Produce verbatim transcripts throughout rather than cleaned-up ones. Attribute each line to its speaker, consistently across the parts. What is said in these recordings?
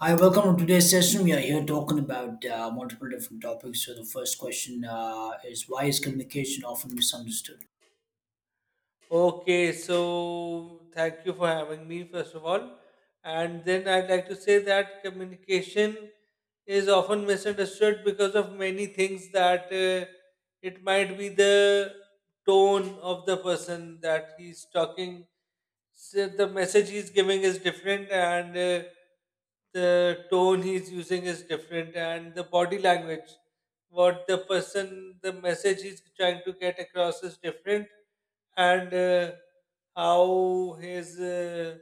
Speaker 1: Hi, welcome to today's session. We are here talking about uh, multiple different topics. So, the first question uh, is why is communication often misunderstood?
Speaker 2: Okay, so thank you for having me, first of all. And then I'd like to say that communication is often misunderstood because of many things, that uh, it might be the tone of the person that he's talking. So the message he's giving is different, and uh, the tone he's using is different, and the body language, what the person, the message he's trying to get across is different, and uh, how his uh,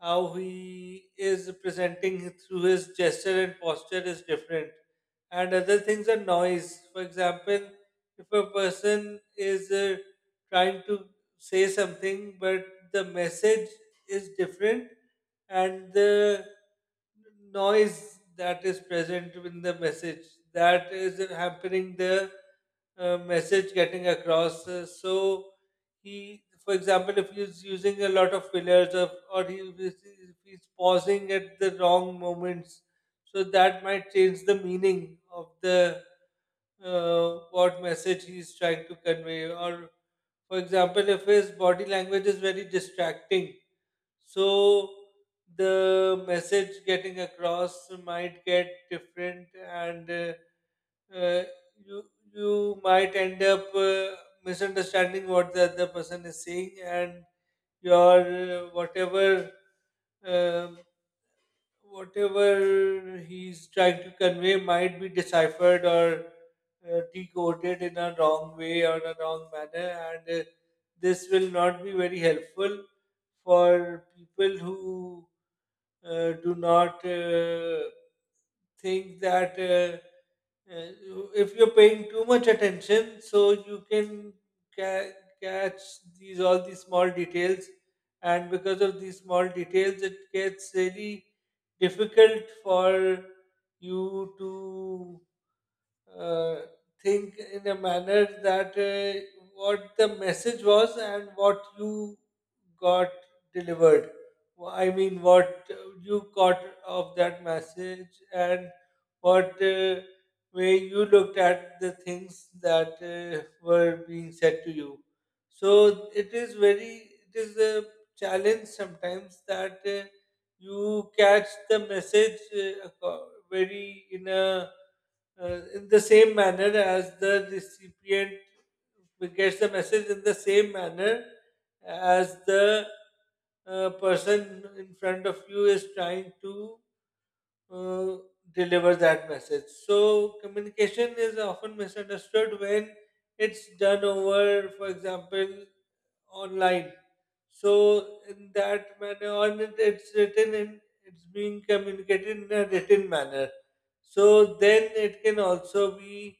Speaker 2: how he is presenting through his gesture and posture is different, and other things are noise. For example, if a person is uh, trying to say something but the message is different, and the noise that is present in the message, that is hampering the uh, message getting across. Uh, so he, for example, if he's using a lot of fillers of, or he, if he's pausing at the wrong moments, so that might change the meaning of the uh, what message he's trying to convey. Or, for example, if his body language is very distracting, so the message getting across might get different, and uh, uh, you you might end up uh, misunderstanding what the other person is saying, and your uh, whatever um whatever he's trying to convey might be deciphered or uh, decoded in a wrong way or a wrong manner, and uh, this will not be very helpful for people who uh, do not uh, think that. Uh, uh, if you're paying too much attention, so you can ca- catch these all these small details, and because of these small details, it gets really difficult for you to uh, think in a manner that uh, what the message was and what you got delivered. Wh- I mean, what you got of that message, and what uh, way you looked at the things that uh, were being said to you. So it is very, it is a challenge sometimes that uh, you catch the message uh, aco- very in a uh, in the same manner as the recipient gets the message in the same manner as the uh, person in front of you is trying to uh, deliver that message. So, communication is often misunderstood when it's done over, for example, online. So in that manner, on it, it's written in it's being communicated in a written manner. So then it can also be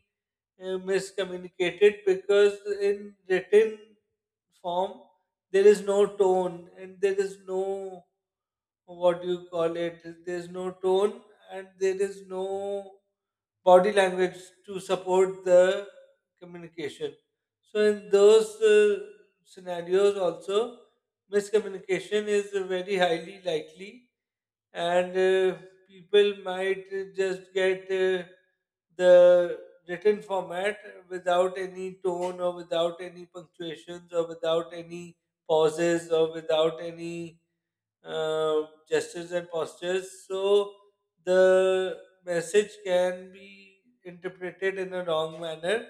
Speaker 2: uh, miscommunicated, because in written form there is no tone and there is no, what do you call it? There is no tone and there is no body language to support the communication. So, in those uh, scenarios, also miscommunication is very highly likely, and uh, people might just get uh, the written format without any tone or without any punctuations or without any pauses or without any uh, gestures and postures. So the message can be interpreted in a wrong manner,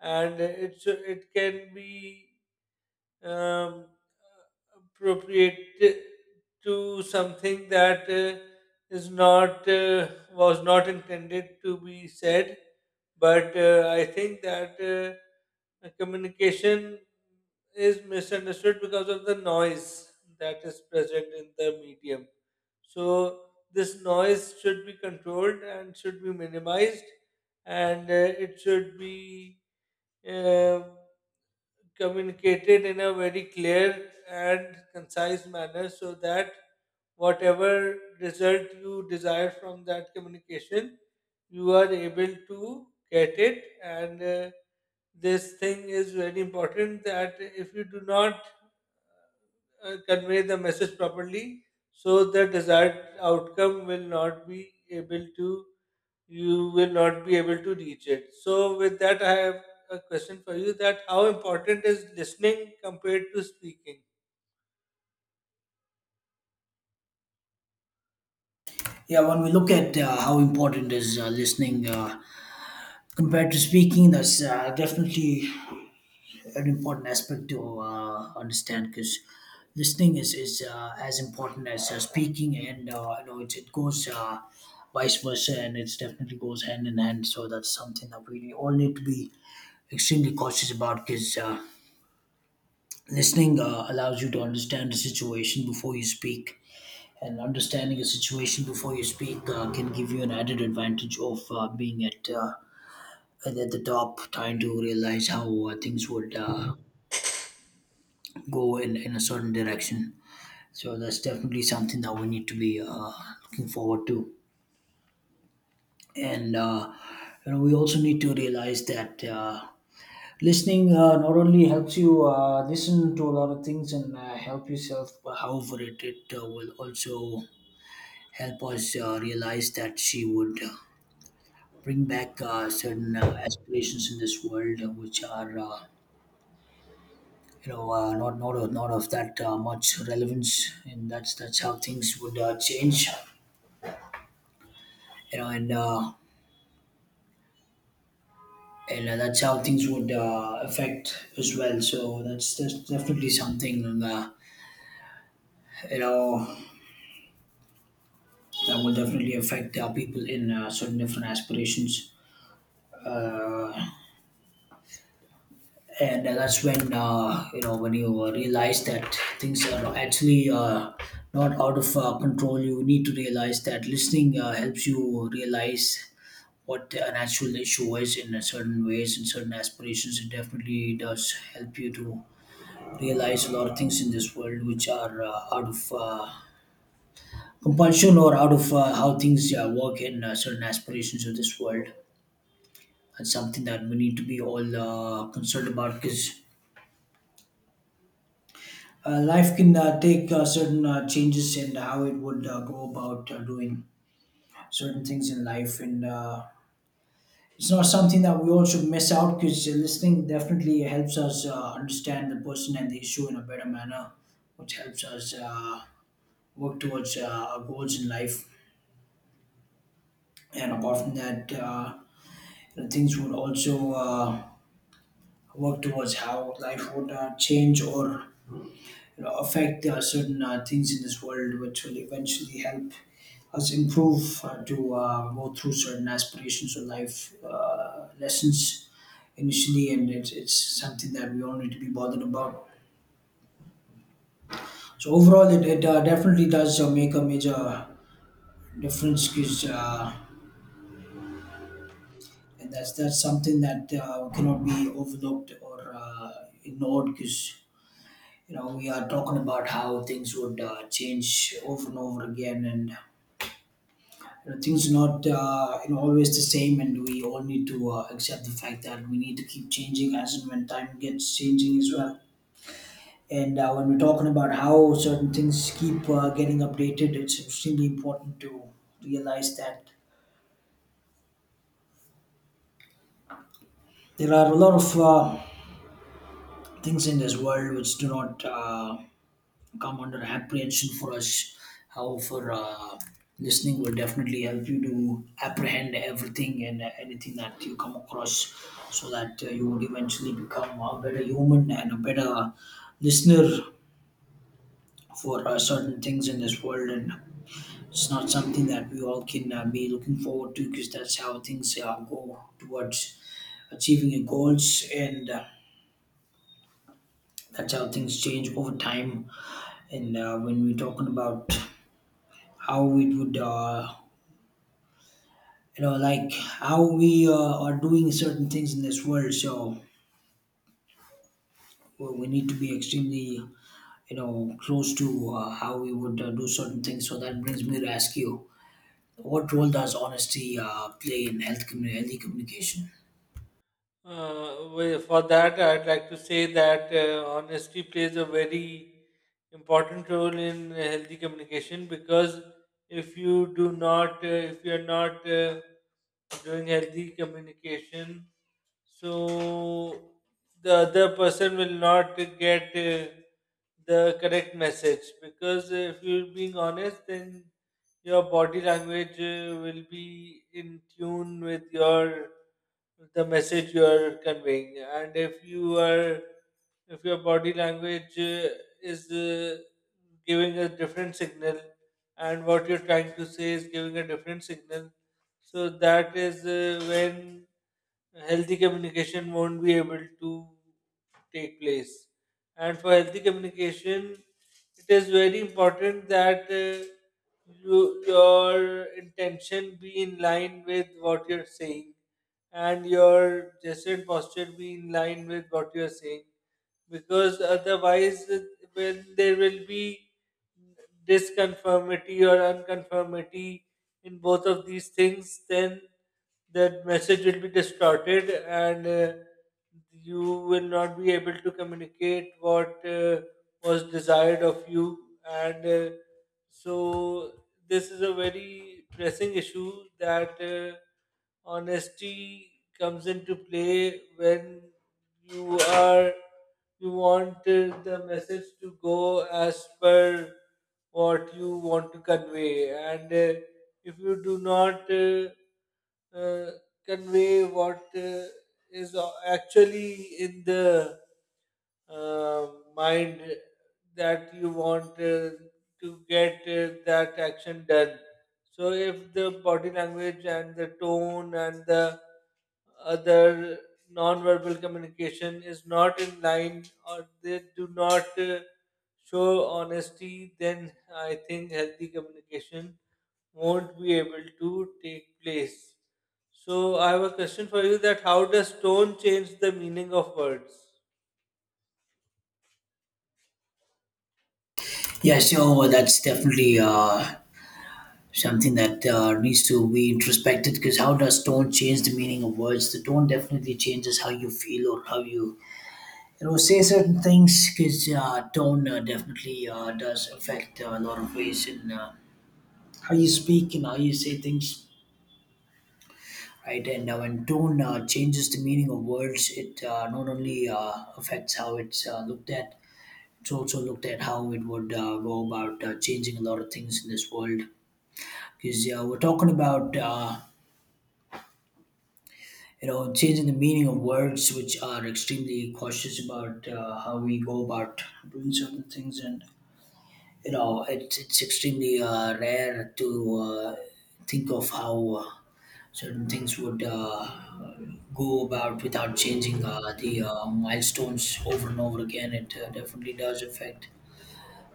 Speaker 2: and it should, it can be um, appropriated to something that uh, is not, uh, was not intended to be said. But uh, I think that. Uh, uh, communication is misunderstood because of the noise that is present in the medium. So this noise should be controlled and should be minimized, and uh, it should be uh, communicated in a very clear and concise manner, so that whatever result you desire from that communication, you are able to get it. And uh, this thing is very important, that if you do not uh, convey the message properly, so the desired outcome will not be able to, you will not be able to reach it. So with that, I have a question for you, that how important is listening compared to speaking?
Speaker 1: Yeah, when we look at uh, how important is uh, listening uh, compared to speaking, that's uh, definitely an important aspect to uh, understand because listening is, is uh, as important as uh, speaking, and uh, you know it, it goes uh, vice versa, and it definitely goes hand in hand. So that's something that we all need to be extremely cautious about. Because. Uh, Listening uh, allows you to understand the situation before you speak, and understanding a situation before you speak uh, can give you an added advantage of uh, being at uh, at at the top, trying to realize how uh, things would uh, go in, in a certain direction. So that's definitely something that we need to be uh, looking forward to, and uh, you know we also need to realize that. Uh, Listening uh, not only helps you uh, listen to a lot of things and uh, help yourself, but however, it, it uh, will also help us uh, realize that she would uh, bring back uh, certain uh, aspirations in this world uh, which are Uh, you know, uh, not not of, not of that uh, much relevance, and that's that's how things would uh, change. You know, and uh, and uh, that's how things would uh, affect as well. So that's, that's definitely something, uh, you know, that will definitely affect uh, people in uh, certain different aspirations. Uh, and uh, that's when uh, you know when you uh, realize that things are actually uh, not out of uh, control. You need to realize that listening uh, helps you realize what an actual issue is in a certain ways in certain aspirations. It definitely does help you to realize a lot of things in this world which are uh, out of uh, compulsion or out of uh, how things uh, work in uh, certain aspirations of this world. That's something that we need to be all uh, concerned about. Because Uh, life can uh, take uh, certain uh, changes in how it would uh, go about uh, doing certain things in life, and uh, it's not something that we all should miss out because listening definitely helps us uh, understand the person and the issue in a better manner, which helps us uh, work towards uh, our goals in life. And apart from that, uh, you know, things would also uh, work towards how life would uh, change or, you know, affect uh, certain uh, things in this world, which will eventually help us improve uh, to uh, go through certain aspirations or life uh, lessons initially, and it's, it's something that we don't need to be bothered about. So overall, it, it uh, definitely does uh, make a major difference because. Uh, and that's that's something that uh, cannot be overlooked or uh, ignored because you know we are talking about how things would uh, change over and over again. And, you know, things are not uh, you know always the same, and we all need to uh, accept the fact that we need to keep changing as and when time gets changing as well. And uh, when we're talking about how certain things keep uh, getting updated, it's extremely important to realize that there are a lot of uh, things in this world which do not Uh, come under apprehension for us. However, uh, listening will definitely help you to apprehend everything and uh, anything that you come across so that uh, you would eventually become a better human and a better listener for uh, certain things in this world. And it's not something that we all can uh, be looking forward to because that's how things uh, go towards achieving your goals, and uh, that's how things change over time. And uh, when we're talking about how it would uh, you know, like how we uh, are doing certain things in this world, so well, we need to be extremely, you know, close to uh, how we would uh, do certain things. So that brings me to ask you, what role does honesty uh, play in health commu- healthy communication?
Speaker 2: Uh, well, for that, I'd like to say that uh, honesty plays a very important role in healthy communication, because if you do not, uh, if you're not uh, doing healthy communication, so the other person will not get uh, the correct message. Because if you're being honest, then your body language uh, will be in tune with your, the message you are conveying. And if you are, if your body language uh, is uh, giving a different signal, and what you're trying to say is giving a different signal, so that is uh, when healthy communication won't be able to take place. And for healthy communication, it is very important that uh, you, your intention be in line with what you're saying, and your gesture and posture be in line with what you're saying, because otherwise it will, there will be disconformity or unconformity in both of these things. Then the message will be distorted and uh, you will not be able to communicate what uh, was desired of you. And uh, so, this is a very pressing issue that. Uh, honesty comes into play when you are, you want uh, the message to go as per what you want to convey. And uh, if you do not uh, uh, convey what uh, is actually in the uh, mind, that you want uh, to get uh, that action done. So if the body language and the tone and the other non-verbal communication is not in line, or they do not uh, show honesty, then I think healthy communication won't be able to take place. So I have a question for you, that how does tone change the meaning of words?
Speaker 1: Yeah, so that's definitely uh, something that uh, needs to be introspected. Because how does tone change the meaning of words? The tone definitely changes how you feel or how you, you know, say certain things, because uh, tone uh, definitely uh, does affect uh, a lot of ways in uh, how you speak and how you say things, right? And uh, when tone uh, changes the meaning of words, it uh, not only uh, affects how it's uh, looked at, it's also looked at how it would uh, go about uh, changing a lot of things in this world. Because uh, we're talking about, uh, you know, changing the meaning of words, which are extremely cautious about uh, how we go about doing certain things. And you know it's it's extremely uh, rare to uh, think of how uh, certain things would uh, go about without changing uh, the uh, milestones over and over again. It uh, definitely does affect,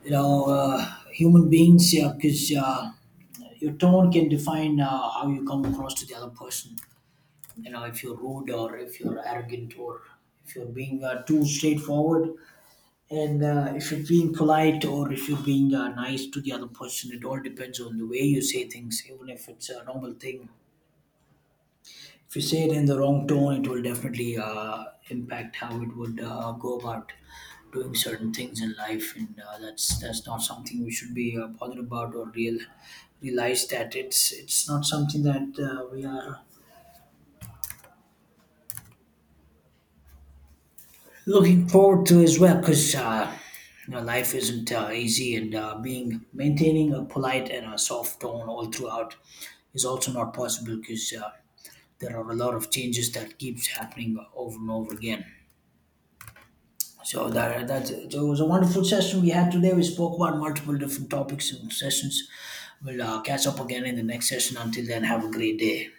Speaker 1: you know, uh, human beings. Yeah, because uh, your tone can define uh, how you come across to the other person. You know, if you're rude or if you're arrogant or if you're being uh, too straightforward and uh, if you're being polite or if you're being uh, nice to the other person, it all depends on the way you say things, even if it's a normal thing. If you say it in the wrong tone, it will definitely uh, impact how it would uh, go about doing certain things in life, and uh, that's that's not something we should be uh, bothered about or real realize that it's it's not something that uh, we are looking forward to as well, because uh, you know life isn't uh, easy, and uh, being maintaining a polite and a soft tone all throughout is also not possible because uh, there are a lot of changes that keeps happening over and over again. So that that so it was a wonderful session we had today. We spoke about multiple different topics and sessions. We'll uh, catch up again in the next session. Until then, have a great day.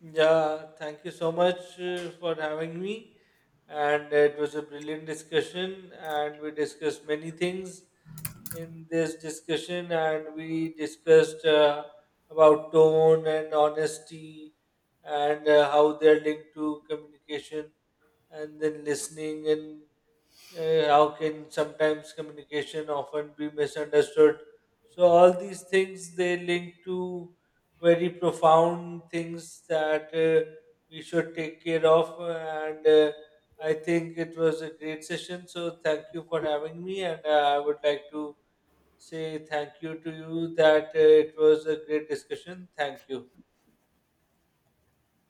Speaker 2: Yeah, thank you so much uh, for having me. And it was a brilliant discussion, and we discussed many things in this discussion, and we discussed uh, about tone and honesty, and uh, how they're linked to communication, and then listening, and uh, how can sometimes communication often be misunderstood. So all these things, they link to very profound things that uh, we should take care of. And uh, I think it was a great session, so thank you for having me. And uh, I would like to say thank you to you, that uh, it was a great discussion. Thank you.